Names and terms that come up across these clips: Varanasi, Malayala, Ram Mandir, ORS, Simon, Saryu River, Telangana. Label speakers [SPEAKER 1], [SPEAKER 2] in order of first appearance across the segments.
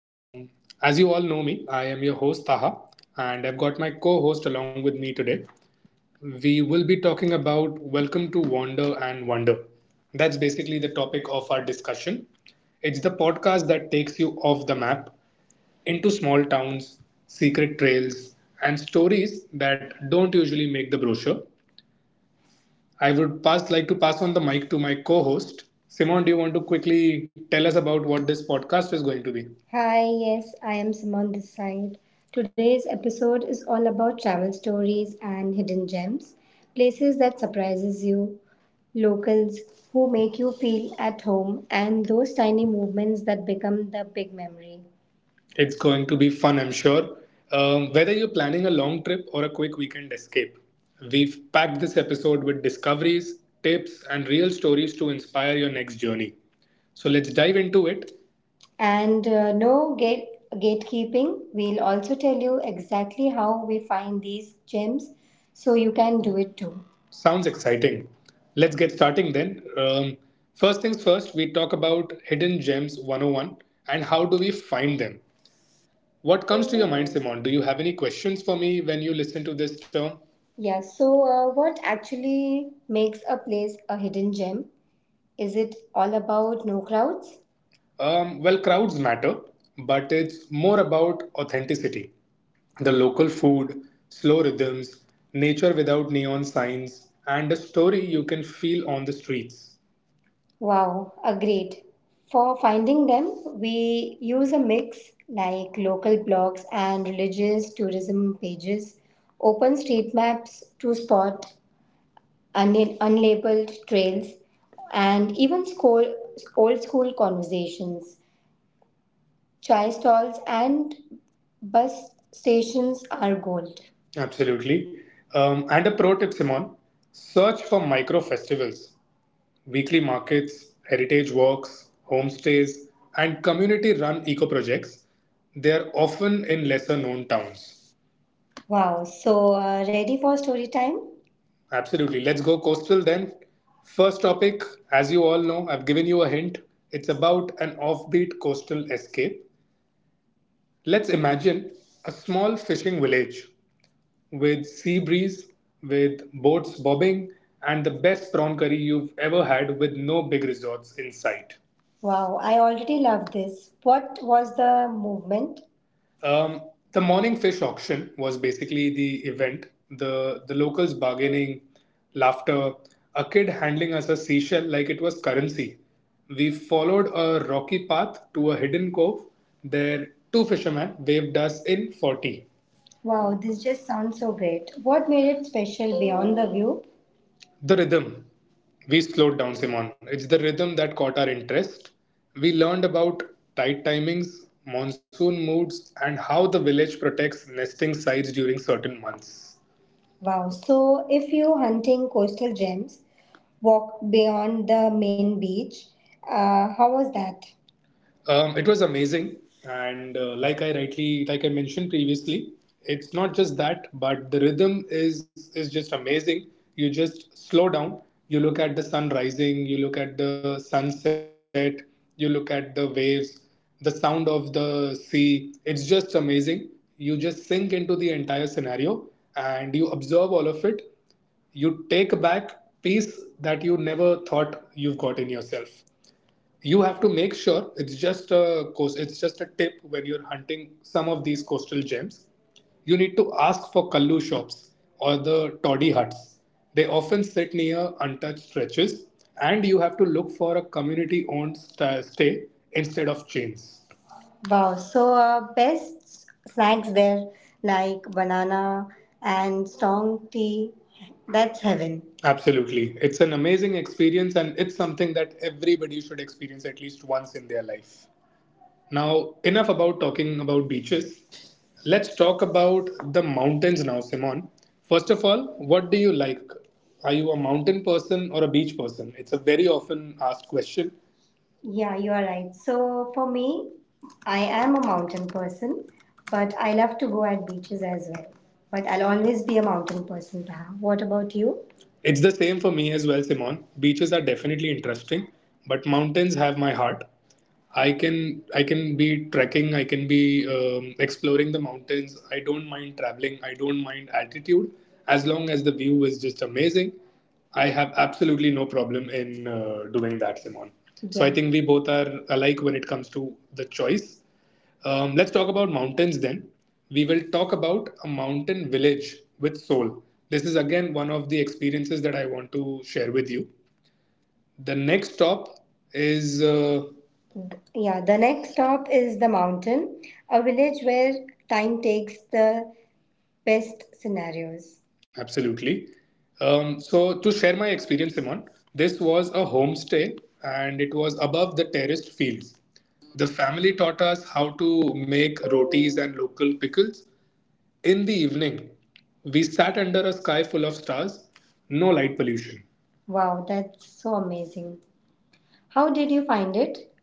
[SPEAKER 1] Um, as you all know me, I am your host Taha, and I've got my co host along with me today. We will be talking about Welcome to Wander and Wonder. That's basically the topic of our discussion. It's the podcast that takes you off the map into small towns, secret trails, and stories that don't usually make the brochure. I would pass like to pass on the mic to my co-host. Simon, do you want to quickly tell us about what this podcast is going to be? Hi, yes, I am Simon this side. Today's episode is all about travel stories and hidden gems, places that surprises you, locals who make you feel at home, and those tiny movements that become the big memory. It's going to be fun, I'm sure. Whether you're planning a long trip or a quick weekend escape, we've packed this episode with discoveries, tips, and real stories to inspire your next journey. So let's dive into it. And no gatekeeping. We'll also tell you exactly how we find these gems so you can do it too. Sounds exciting. Let's get starting then. First things first, we talk about Hidden Gems 101 and how do we find them. What comes to your mind, Simon? Do you have any questions for me when you listen to this term? Yeah, so what actually makes a place a hidden gem? Is it all about no crowds? Well, crowds matter, but it's more about authenticity. The local food, slow rhythms, nature without neon signs, and a story you can feel on the streets. Wow, agreed. For finding them, we use a mix like local blogs and religious tourism pages, open street maps to spot un- unlabeled trails, and even school, old school conversations. Chai stalls and bus stations are gold. Absolutely. And a pro tip, Simon, search for micro festivals, weekly markets, heritage walks, homestays, and community run eco projects. They are often in lesser known towns. Wow, so ready for story time? Absolutely. Let's go coastal then. First topic, as you all know, I've given you a hint. It's about an offbeat coastal escape. Let's imagine a small fishing village with sea breeze, with boats bobbing, and the best prawn curry you've ever had with no big resorts in sight. Wow, I already love this. What was the movement? Um, the morning fish auction was basically the event. The locals bargaining, laughter, a kid handling us a seashell like it was currency. We followed a rocky path to a hidden cove. There, two fishermen waved us in 40. Wow, this just sounds so great. What made it special beyond the view? The rhythm. We slowed down, Simon. It's the rhythm that caught our interest. We learned about tide timings, monsoon moods, and how the village protects nesting sites during certain months. Wow, so if you're hunting coastal gems, walk beyond the main beach. How was that? It was amazing, and like I mentioned previously, it's not just that, but the rhythm is just amazing. You just slow down, you look at the sun rising, you look at the sunset, you look at the waves, the sound of the sea. It's just amazing. You just sink into the entire scenario and you observe all of it. You take back peace that you never thought you've got in yourself. You have to make sure, it's just a course, it's just a tip, when you're hunting some of these coastal gems, you need to ask for kallu shops or the toddy huts. They often sit near untouched stretches and you have to look for a community owned stay instead of chains. Wow, so best snacks there like banana and strong tea. That's heaven. Absolutely. It's an amazing experience and it's something that everybody should experience at least once in their life. Now, enough about talking about beaches. Let's talk about the mountains now, Simon. First of all, what do you like? Are you a mountain person or a beach person? It's a very often asked question. Yeah, you are right. So for me, I am a mountain person, but I love to go at beaches as well. But I'll always be a mountain person, Taha. What about you? It's the same for me as well, Simon. Beaches are definitely interesting, but mountains have my heart. I can be trekking, I can be exploring the mountains. I don't mind traveling. I don't mind altitude as long as the view is just amazing. I have absolutely no problem in doing that, Simon. So I think we both are alike when it comes to the choice. Let's talk about mountains then. We will talk about a mountain village with soul. This is again one of the experiences that I want to share with you. The next stop is the mountain, a village where time takes the best scenarios. Absolutely. So, to share my experience, Simon, this was a homestay and it was above the terraced fields. The family taught us how to make rotis and local pickles. In the evening, we sat under a sky full of stars, no light pollution. Wow, that's so amazing. How did you find it?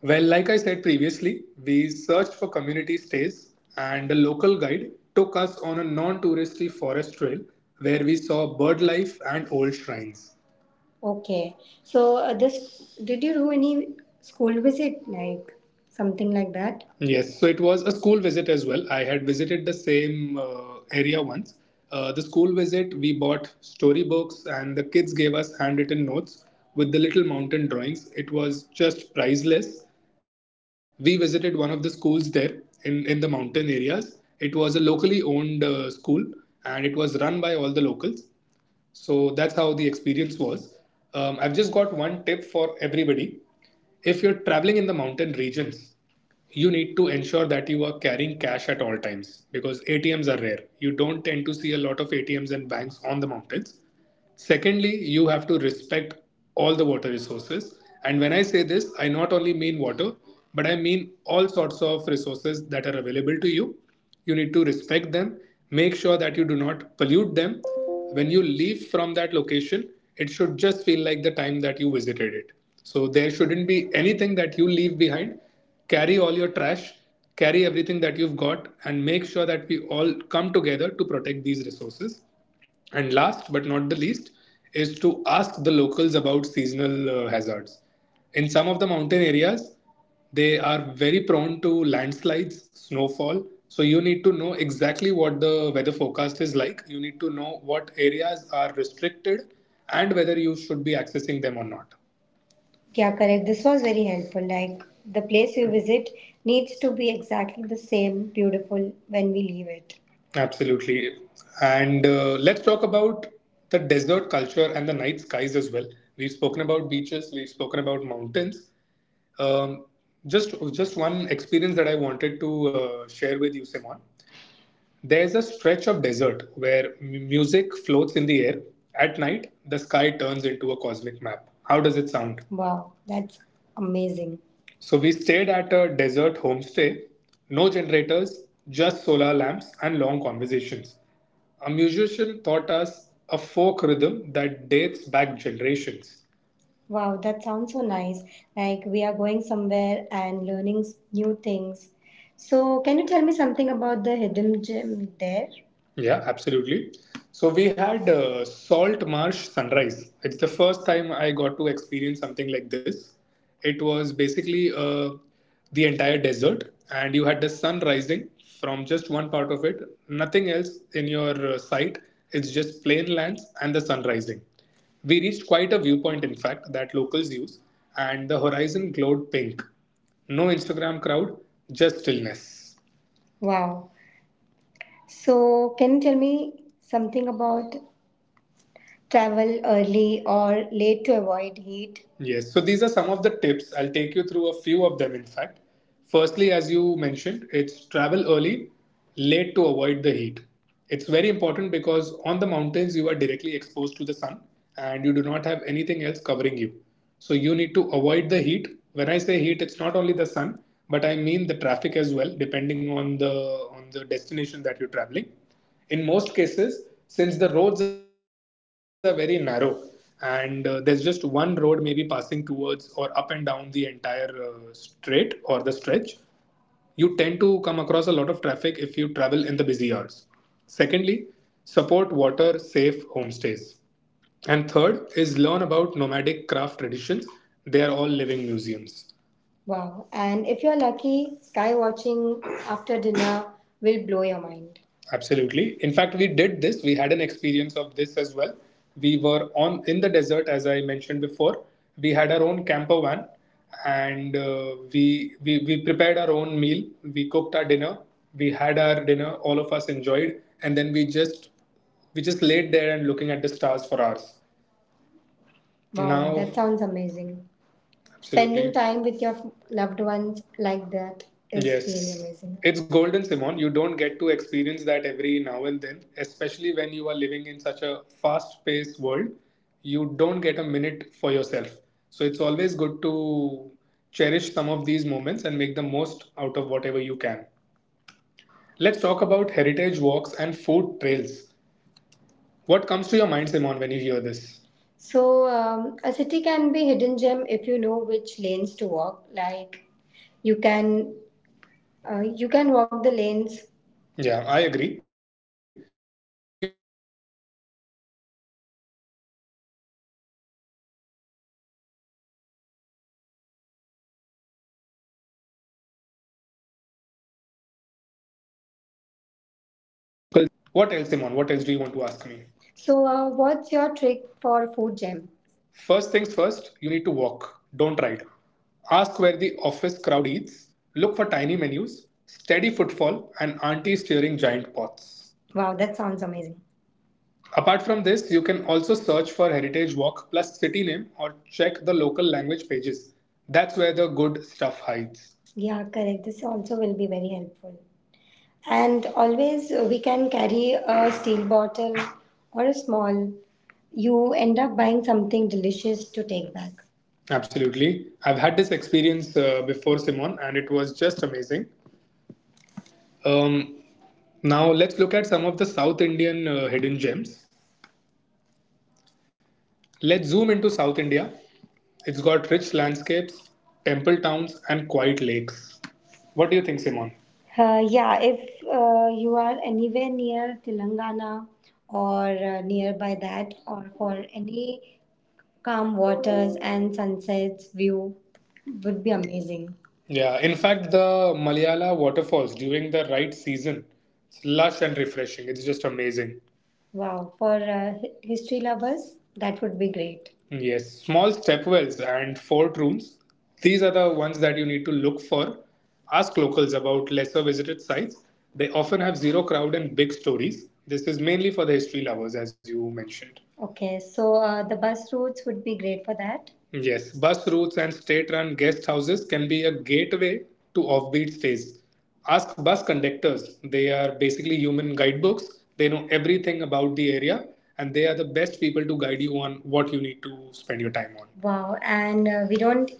[SPEAKER 1] Well, like I said previously, we searched for community stays, and a local guide took us on a non touristy forest trail where we saw bird life and old shrines. Okay. So, this did you do any school visit, like something like that? Yes, so it was a school visit as well. I had visited the same area once. The school visit, we bought storybooks and the kids gave us handwritten notes with the little mountain drawings. It was just priceless. We visited one of the schools there in the mountain areas. It was a locally owned school and it was run by all the locals. So that's how the experience was. I've just got one tip for everybody. If you're traveling in the mountain regions, you need to ensure that you are carrying cash at all times because ATMs are rare. You don't tend to see a lot of ATMs and banks on the mountains. Secondly, you have to respect all the water resources. And when I say this, I not only mean water, but I mean all sorts of resources that are available to you. You need to respect them, make sure that you do not pollute them. When you leave from that location, it should just feel like the time that you visited it. So there shouldn't be anything that you leave behind. Carry all your trash, carry everything that you've got, and make sure that we all come together to protect these resources. And last but not the least is to ask the locals about seasonal hazards. In some of the mountain areas, they are very prone to landslides, snowfall. So you need to know exactly what the weather forecast is like. You need to know what areas are restricted and whether you should be accessing them or not. Yeah, correct. This was very helpful. Like the place you visit needs to be exactly the same beautiful when we leave it. Absolutely. And let's talk about the desert culture and the night skies as well. We've spoken about beaches, we've spoken about mountains. Um, just one experience that I wanted to share with you, Simon. There's a stretch of desert where music floats in the air. At night, the sky turns into a cosmic map. How does it sound? Wow, that's amazing. So we stayed at a desert homestay. No generators, just solar lamps and long conversations. A musician taught us a folk rhythm that dates back generations. Wow, that sounds so nice. Like we are going somewhere and learning new things. So, can you tell me something about the hidden gem there? Yeah, absolutely. So we had Salt Marsh Sunrise. It's the first time I got to experience something like this. It was basically the entire desert, and you had the sun rising from just one part of it. Nothing else in your sight. It's just plain lands and the sun rising. We reached quite a viewpoint, in fact, that locals use, and the horizon glowed pink. No Instagram crowd, just stillness. Wow. So, can you tell me something about travel early or late to avoid heat? Yes, so these are some of the tips. I'll take you through a few of them, in fact. Firstly, as you mentioned, it's travel early, late to avoid the heat. It's very important because on the mountains, you are directly exposed to the sun and you do not have anything else covering you. So you need to avoid the heat. When I say heat, it's not only the sun, but I mean the traffic as well, depending on the destination that you're traveling in. Most cases, since the roads are very narrow and there's just one road maybe passing towards or up and down the entire straight or the stretch, you tend to come across a lot of traffic if you travel in the busy hours. Secondly, support water safe homestays, and third is learn about nomadic craft traditions. They are all living museums. Wow. And if you're lucky, sky watching after dinner will blow your mind. Absolutely. In fact, we did this. We had an experience of this as well. We were on in the desert, as I mentioned before. We had our own camper van, and we prepared our own meal. We cooked our dinner. We had our dinner. All of us enjoyed, and then we just laid there and looking at the stars for hours. Wow, now that sounds amazing. Spending time with your loved ones like that is really, yes, amazing. It's golden, Simon. You don't get to experience that every now and then, especially when you are living in such a fast paced world. You don't get a minute for yourself. So it's always good to cherish some of these moments and make the most out of whatever you can. Let's talk about heritage walks and food trails. What comes to your mind, Simon, when you hear this? So, a city can be hidden gem if you know which lanes to walk. Like you can you can walk the lanes. Yeah, I agree. We
[SPEAKER 2] Do you want to ask me? So, what's your trick for food gem? First things first, you need to walk, don't ride. Ask where the office crowd eats, look for tiny menus, steady footfall, and auntie stirring giant pots. Wow, that sounds amazing. Apart from this, you can also search for Heritage Walk plus city name or check the local language pages. That's where the good stuff hides. Yeah, correct. This also will be very helpful. And always, we can carry a steel bottle or a small. You end up buying something delicious to take back. Absolutely. I've had this experience before, Simon, and it was just amazing. Um, Now, let's look at some of the South Indian hidden gems. Let's zoom into South India. It's got rich landscapes, temple towns, and quiet lakes. What do you think, Simon? Yeah, if you are anywhere near Telangana or nearby that, or for any calm waters and sunsets view, would be amazing. Yeah, in fact, the Malayala waterfalls during the right season, it's lush and refreshing. It's just amazing. Wow, for history lovers, that would be great. Yes, small stepwells and fort rooms. These are the ones that you need to look for. Ask locals about lesser visited sites. They often have zero crowd and big stories. This is mainly for the history lovers, as you mentioned. Okay, so the bus routes would be great for that. Yes, bus routes and state run guest houses can be a gateway to offbeat stays. Ask bus conductors. They are basically human guidebooks. They know everything about the area and they are the best people to guide you on what you need to spend your time on. Wow, and we don't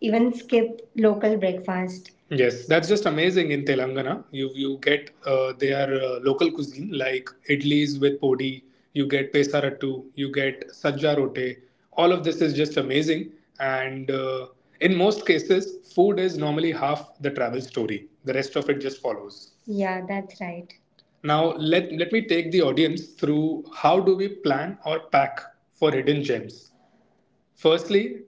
[SPEAKER 2] even skip local breakfast. Yes, that's just amazing in Telangana. You get their local cuisine like idlis with podi, you get pesarattu, you get sajja rote. All of this is just amazing, and in most cases, food is normally half the travel story. The rest of it just follows. Yeah, that's right. Now let me take the audience through how do we plan or pack for hidden gems. Firstly,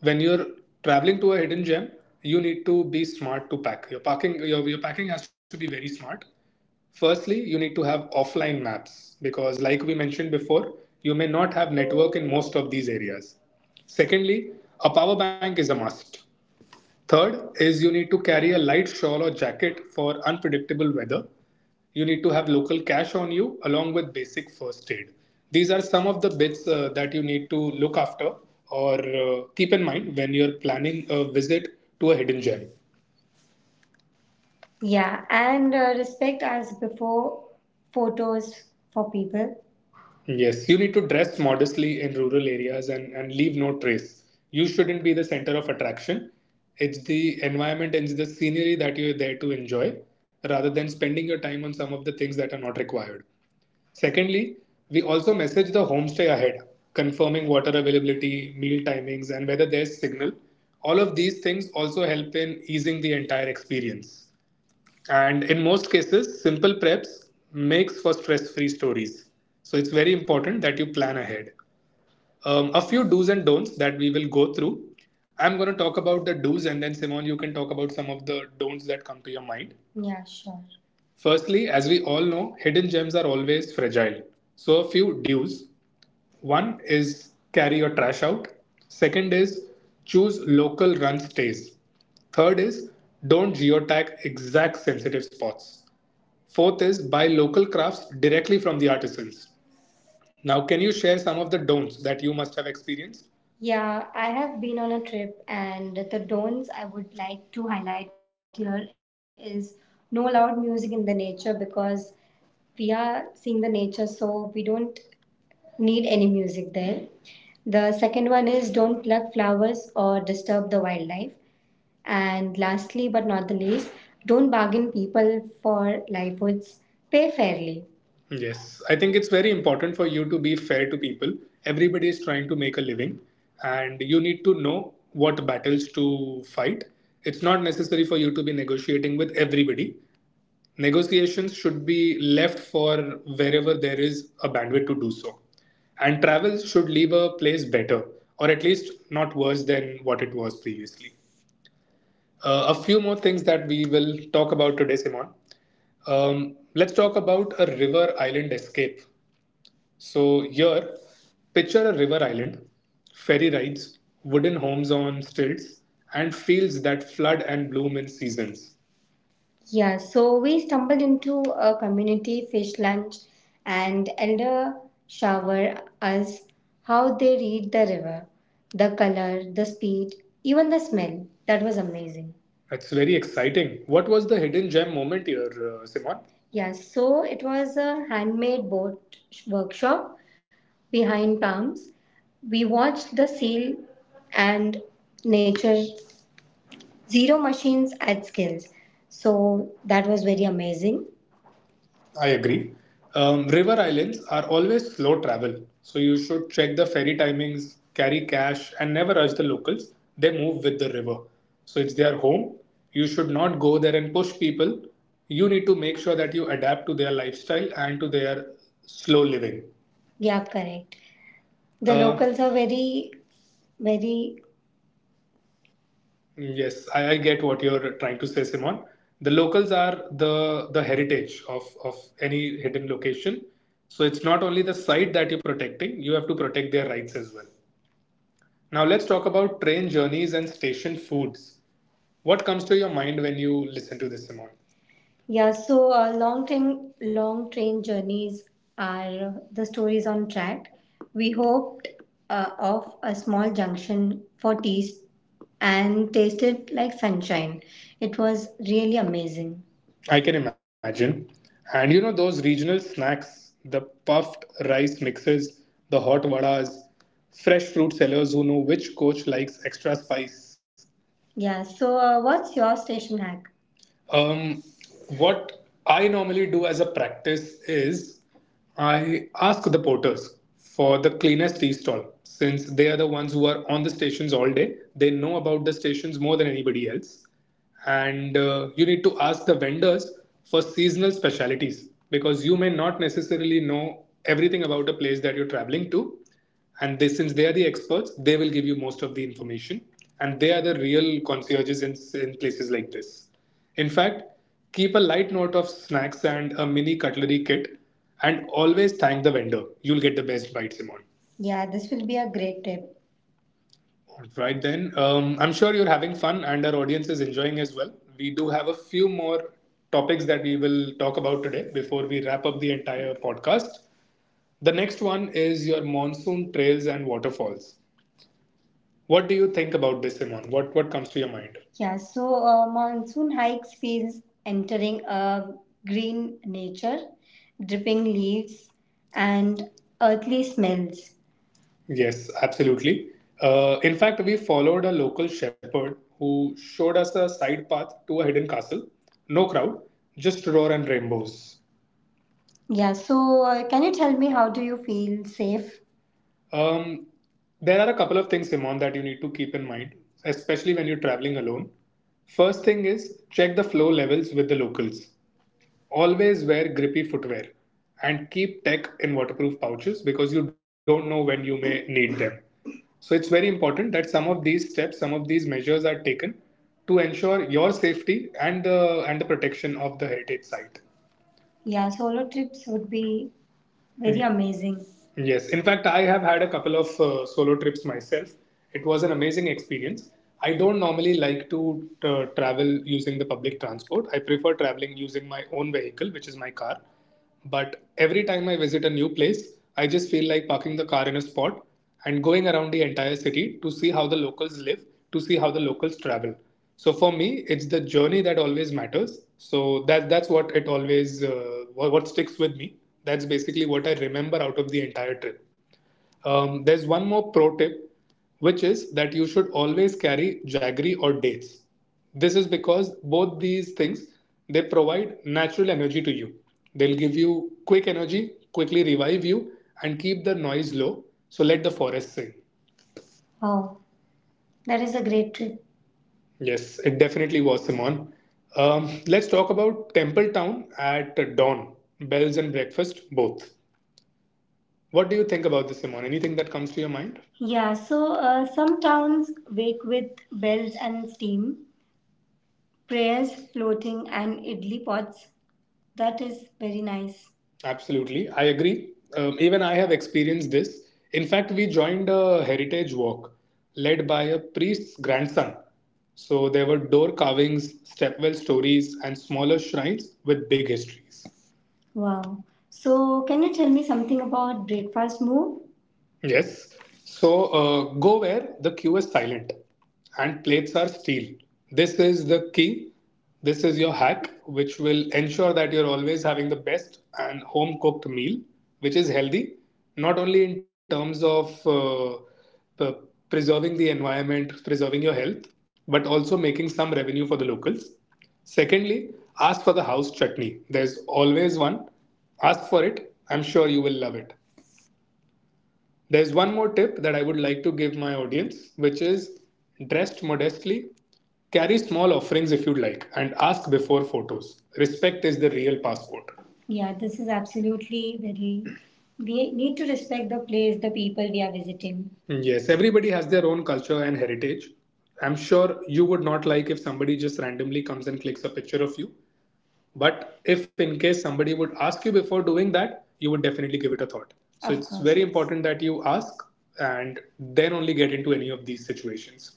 [SPEAKER 2] when you're traveling to a hidden gem, you need to be smart to pack. Your packing has to be very smart. Firstly, you need to have offline maps because like we mentioned before, you may not have network in most of these areas. Secondly, a power bank is a must. Third is you need to carry a light shawl or jacket for unpredictable weather. You need to have local cash on you along with basic first aid. These are some of the bits that you need to look after or keep in mind when you're planning a visit to a hidden gem. Yeah, and respect as before photos for people. Yes, you need to dress modestly in rural areas, and leave no trace. You shouldn't be the center of attraction. It's the environment and the scenery that you're there to enjoy rather than spending your time on some of the things that are not required. Secondly, we also message the homestay ahead, confirming water availability, meal timings, and whether there's signal. All of these things also help in easing the entire experience, and in most cases simple preps makes for stress-free stories. So it's very important that you plan ahead. A few do's and don'ts that we will go through. I'm going to talk about the do's, and then, Simon, you can talk about some of the don'ts that come to your mind. Yeah, sure. Firstly, as we all know, hidden gems are always fragile. So, a few dos. One is carry your trash out. Second is choose local run stays. Third is don't geotag exact sensitive spots. Fourth is buy local crafts directly from the artisans. Now, can you share some of the don'ts that you must have experienced? Yeah, I have been on a trip, and the don'ts I would like to highlight here is no loud music in the nature, because we are seeing the nature, so we don't need any music there. The second one is don't pluck flowers or disturb the wildlife. And lastly, but not the least, don't bargain people for livelihoods. Pay fairly. Yes, I think it's very important for you to be fair to people. Everybody is trying to make a living, and you need to know what battles to fight. It's not necessary for you to be negotiating with everybody. Negotiations should be left for wherever there is a bandwidth to do so. And travel should leave a place better, or at least not worse than what it was previously. A few more things that we will talk about today, Simon. Let's talk about a river island escape. So, here, picture a river island, ferry rides, wooden homes on stilts, and fields that flood and bloom in seasons. Yeah, so we stumbled into a community fish lunch and elder shower us how they read the river, the color, the speed, even the smell. That was amazing. That's very exciting. What was the hidden gem moment here, Simon? Yeah, so it was a handmade boat workshop behind palms. We watched the seal and nature Zero machines add skills. So that was very amazing. I agree. River islands are always slow travel, so you should check the ferry timings, carry cash, and never rush the locals. They move with the river. So it's their home. You should not go there and push people. You need to make sure that you adapt to their lifestyle and to their slow living. Yeah, correct. The locals are very, very. Yes, I get what you're trying to say, Simon. The locals are the heritage of any hidden location. So it's not only the site that you're protecting, you have to protect their rights as well. Now let's talk about train journeys and station foods. What comes to your mind when you listen to this, Simon? Yeah, so long train journeys are the stories on track. We hoped off a small junction for tea and tasted like sunshine. It was really amazing. I can imagine. And you know those regional snacks, the puffed rice mixes, the hot vadas, fresh fruit sellers who know which coach likes extra spice. Yeah, so what's your station hack? Um, what I normally do as a practice is I ask the porters for the cleanest tea stall, since they are the ones who are on the stations all day. They know about the stations more than anybody else. And you need to ask the vendors for seasonal specialities, because you may not necessarily know everything about a place that you're traveling to, and they since they are the experts, they will give you most of the information, and they are the real concierges in places like this. In fact, keep a light note of snacks and a mini cutlery kit, and always thank the vendor. You'll get the best bite, Simon. Yeah, this will be a great tip. Right then. I'm sure you're having fun and our audience is enjoying as well. We do have a few more topics that we will talk about today before we wrap up the entire podcast. The next one is your monsoon trails and waterfalls. What do you think about this, Simon? What comes to your mind? Yeah, so monsoon hikes feels entering a green nature, dripping leaves, and earthly smells. Yes, absolutely. In fact, we followed a local shepherd who showed us a side path to a hidden castle. No crowd, just roar and rainbows. Yeah, so can you tell me how do you feel safe? Um, there are a couple of things, Simon, that you need to keep in mind, especially when you're traveling alone. First thing is check the flow levels with the locals. Always wear grippy footwear and keep tech in waterproof pouches because you don't know when you may need them. So it's very important that some of these steps, some of these measures are taken to ensure your safety and the protection of the heritage site. Yeah, solo trips would be very amazing. Yes, in fact, I have had a couple of solo trips myself. It was an amazing experience. I don't normally like to travel using the public transport. I prefer traveling using my own vehicle, which is my car. But every time I visit a new place, I just feel like parking the car in a spot and going around the entire city to see how the locals live, to see how the locals travel. So for me, it's the journey that always matters. So that's what it always what sticks with me. That's basically what I remember out of the entire trip. There's one more pro tip, which is that you should always carry jaggery or dates. This is because both these things they provide natural energy to you. They'll give you quick energy, quickly revive you, and keep the noise low. So let the forest sing. Oh, that is a great trip. Yes, it definitely was, Simon. Let's talk about Temple Town at dawn, bells and breakfast both. What do you think about this, Simon? Anything that comes to your mind? Yeah, so some towns wake with bells and steam, prayers floating, and idli pots. That is very nice. Absolutely, I agree. Even I have experienced this. In fact, we joined a heritage walk led by a priest's grandson. So there were door carvings, stepwell stories, and smaller shrines with big histories. Wow. So, can you tell me something about breakfast move? Yes. So go where the queue is silent and plates are steel. This is the key. This is your hack, which will ensure that you're always having the best and home cooked meal, which is healthy, not only in terms of p- preserving the environment, preserving your health, but also making some revenue for the locals. Secondly, ask for the house chutney. There's always one. Ask for it. I'm sure you will love it. There's one more tip that I would like to give my audience, which is dressed modestly, carry small offerings if you'd like, and ask before photos. Respect is the real passport. Yeah, this is absolutely very. We need to respect the place, the people we are visiting. Yes, everybody has their own culture and heritage. I'm sure you would not like if somebody just randomly comes and clicks a picture of you. But if in case somebody would ask you before doing that, you would definitely give it a thought. So Of it's course, very yes. important that you ask and then only get into any of these situations.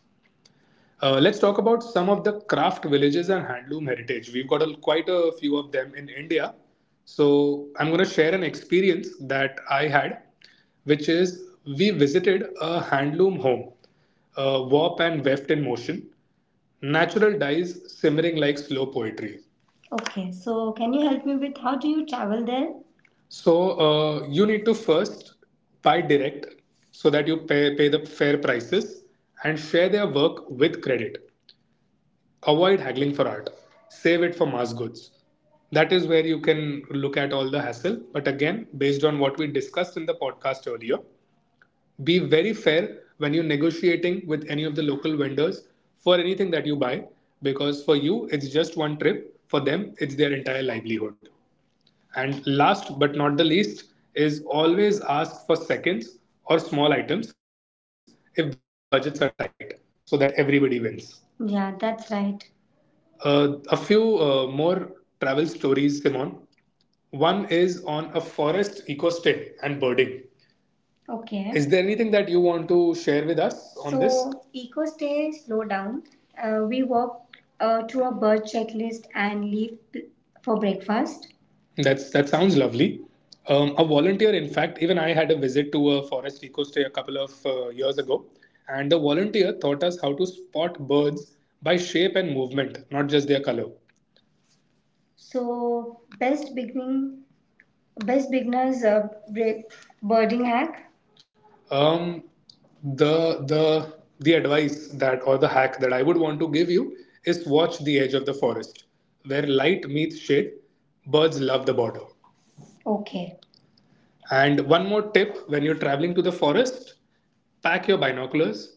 [SPEAKER 2] Let's talk about some of the craft villages and handloom heritage. We've got a, quite a few of them in India. So I'm going to share an experience that I had, which is we visited a handloom home, warp and weft in motion. Natural dyes simmering like slow poetry. Okay, so can you help me with how do you travel there? So you need to first buy direct so that you pay the fair prices and share their work with credit. Avoid haggling for art. Save it for mass goods. That is where you can look at all the hassle. But again, based on what we discussed in the podcast earlier, be very fair when you're negotiating with any of the local vendors for anything that you buy because for you it's just one trip, for them it's their entire livelihood. And last but not the least is always ask for seconds or small items if budgets are tight so that everybody wins. Yeah, that's right. A few more travel stories, Simon. One is on a forest eco stay and birding. Okay. Is there anything that you want to share with us on this? So, EcoStay Slow Down, we walked to a bird checklist and leaf p- for breakfast. That's that sounds lovely. A volunteer, in fact, even I had a visit to a forest eco stay a couple of years ago, and the volunteer taught us how to spot birds by shape and movement, not just their color. So, best beginning, best beginners birding hack. Um, the the the advice that or the hack that I would want to give you is watch the edge of the forest, where light meets shade. Birds love the border. Okay. And one more tip when you're traveling to the forest, pack your binoculars,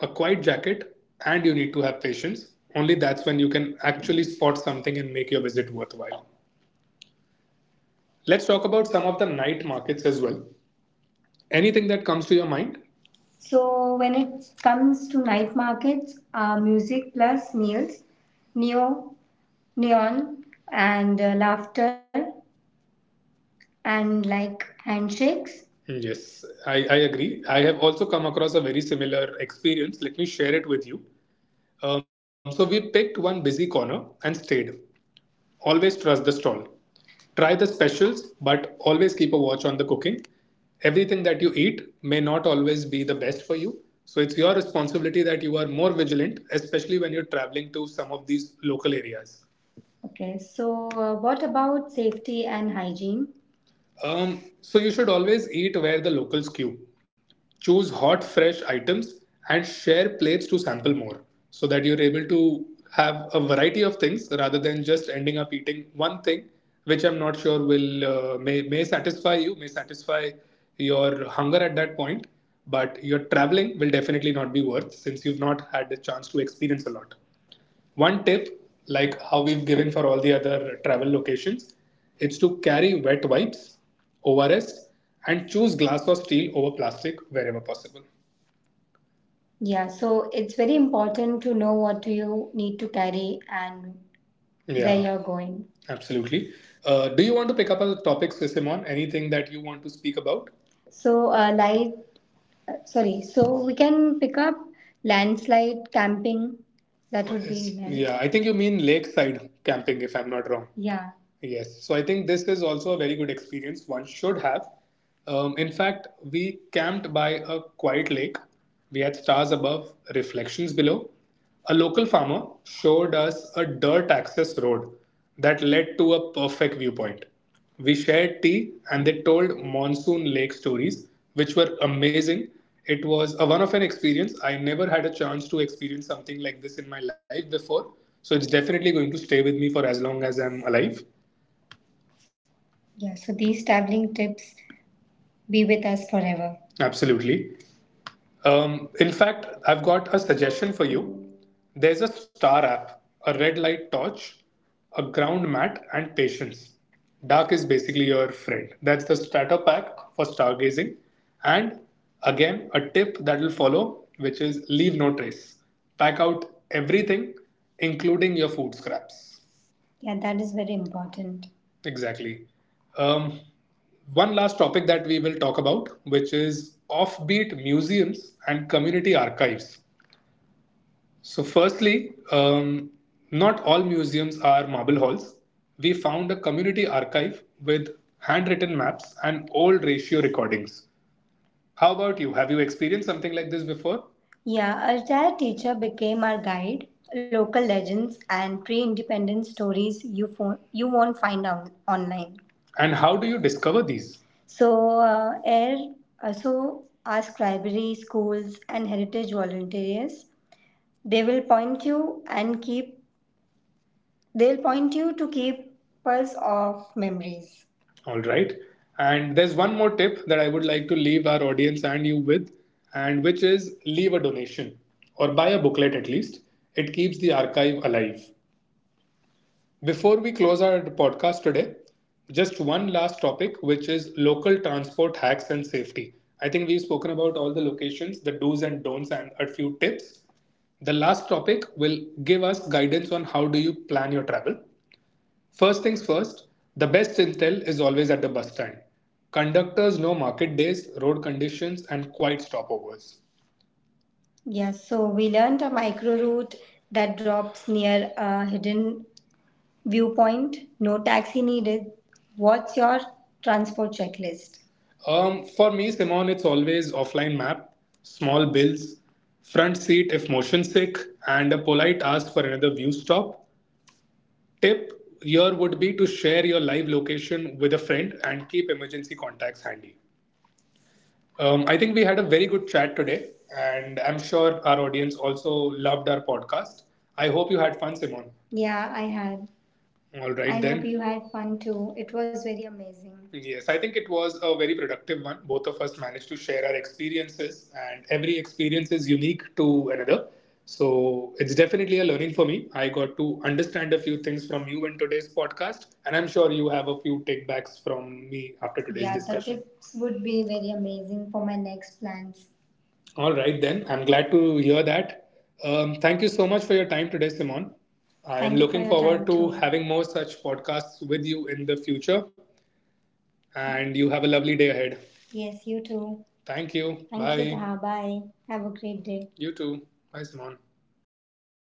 [SPEAKER 2] a quiet jacket, and you need to have patience. Only that's when you can actually spot something and make your visit worthwhile. Let's talk about some of the night markets as well. Anything that comes to your mind? So when it comes to night markets, music plus neo, neon, and laughter, and like handshakes. Yes, I agree. I have also come across a very similar experience. Let me share it with you. So, we picked one busy corner and stayed. Always trust the stall. Try the specials, but always keep a watch on the cooking. Everything that you eat may not always be the best for you. So it's your responsibility that you are more vigilant, especially when you're traveling to some of these local areas. Okay, so what about safety and hygiene? So you should always eat where the locals queue. Choose hot, fresh items and share plates to sample more so that you're able to have a variety of things rather than just ending up eating one thing, which I'm not sure will may satisfy you, may satisfy your hunger at that point, but your traveling will definitely not be worth since you've not had the chance to experience a lot. One tip, like how we've given for all the other travel locations, is to carry wet wipes, ORS, and choose glass or steel over plastic wherever possible. Yeah, so it's very important to know what you need to carry and yeah. where Yeah. you're going. Absolutely. Do you want to pick up a topic, Sisimon? Anything that you want to speak about? So, so we can pick up landslide camping. That would be nice. Yeah, I think you mean lakeside camping, if I'm not wrong. Yeah. Yes. So I think this is also a very good experience one should have. In fact, we camped by a quiet lake. We had stars above, reflections below. A local farmer showed us a dirt access road that led to a perfect viewpoint. We shared tea and they told monsoon lake stories, which were amazing. It was a one of an experience. I never had a chance to experience something like this in my life before. So it's definitely going to stay with me for as long as I'm alive. Yeah, so these traveling tips be with us forever. Absolutely. In fact, I've got a suggestion for you. There's a star app, a red light torch, a ground mat, and patience. Dark is basically your friend. That's the starter pack for stargazing. And again, a tip that will follow, which is leave no trace. Pack out everything, including your food scraps. Yeah, that is very important. Exactly. Um, One last topic that we will talk about, which is offbeat museums and community archives. So, firstly, not all museums are marble halls. We found a community archive with handwritten maps and old ratio recordings. How about you? Have you experienced something like this before? Yeah, our retired teacher became our guide, local legends, and pre independent stories you, you won't find out online. And how do you discover these? So, so ask libraries, schools, and heritage volunteers. They will point you and keep They'll point you to keepers of memories. All right. And there's one more tip that I would like to leave our audience and you with, and which is leave a donation or buy a booklet at least. It keeps the archive alive. Before we close our podcast today, just one last topic, which is local transport hacks and safety. I think we've spoken about all the locations, the do's and don'ts, and a few tips. The last topic will give us guidance on how do you plan your travel. First things first, the best intel is always at the bus stand. Conductors know market days, road conditions, and quiet stopovers. Yes, so we learned a micro route that drops near a hidden viewpoint. No taxi needed. What's your transport checklist? For me, Simon, it's always offline map, small bills, front seat if motion sick, and a polite ask for another view stop. Tip here would be to share your live location with a friend and keep emergency contacts handy. I think we had a very good chat today, and I'm sure our audience also loved our podcast. I hope you had fun, Simon. Yeah, I had. All right I right hope then. You had fun too. It was very amazing. Yes, I think it was a very productive one. Both of us managed to share our experiences, and every experience is unique to another. So it's definitely a learning for me. I got to understand a few things from you in today's podcast, and I'm sure you have a few takebacks from me after today's Yeah, the discussion. Tips would be very amazing for my next plans. All right, then. I'm glad to hear that. Thank you so much for your time today, Simon. I'm Thank you for looking your forward time to too. Having more such podcasts with you in the future. And you have a lovely day ahead. Yes, you too. Thank you. Thank you, Bye. Taha. Bye. Have a great day. You too. Bye, Simon.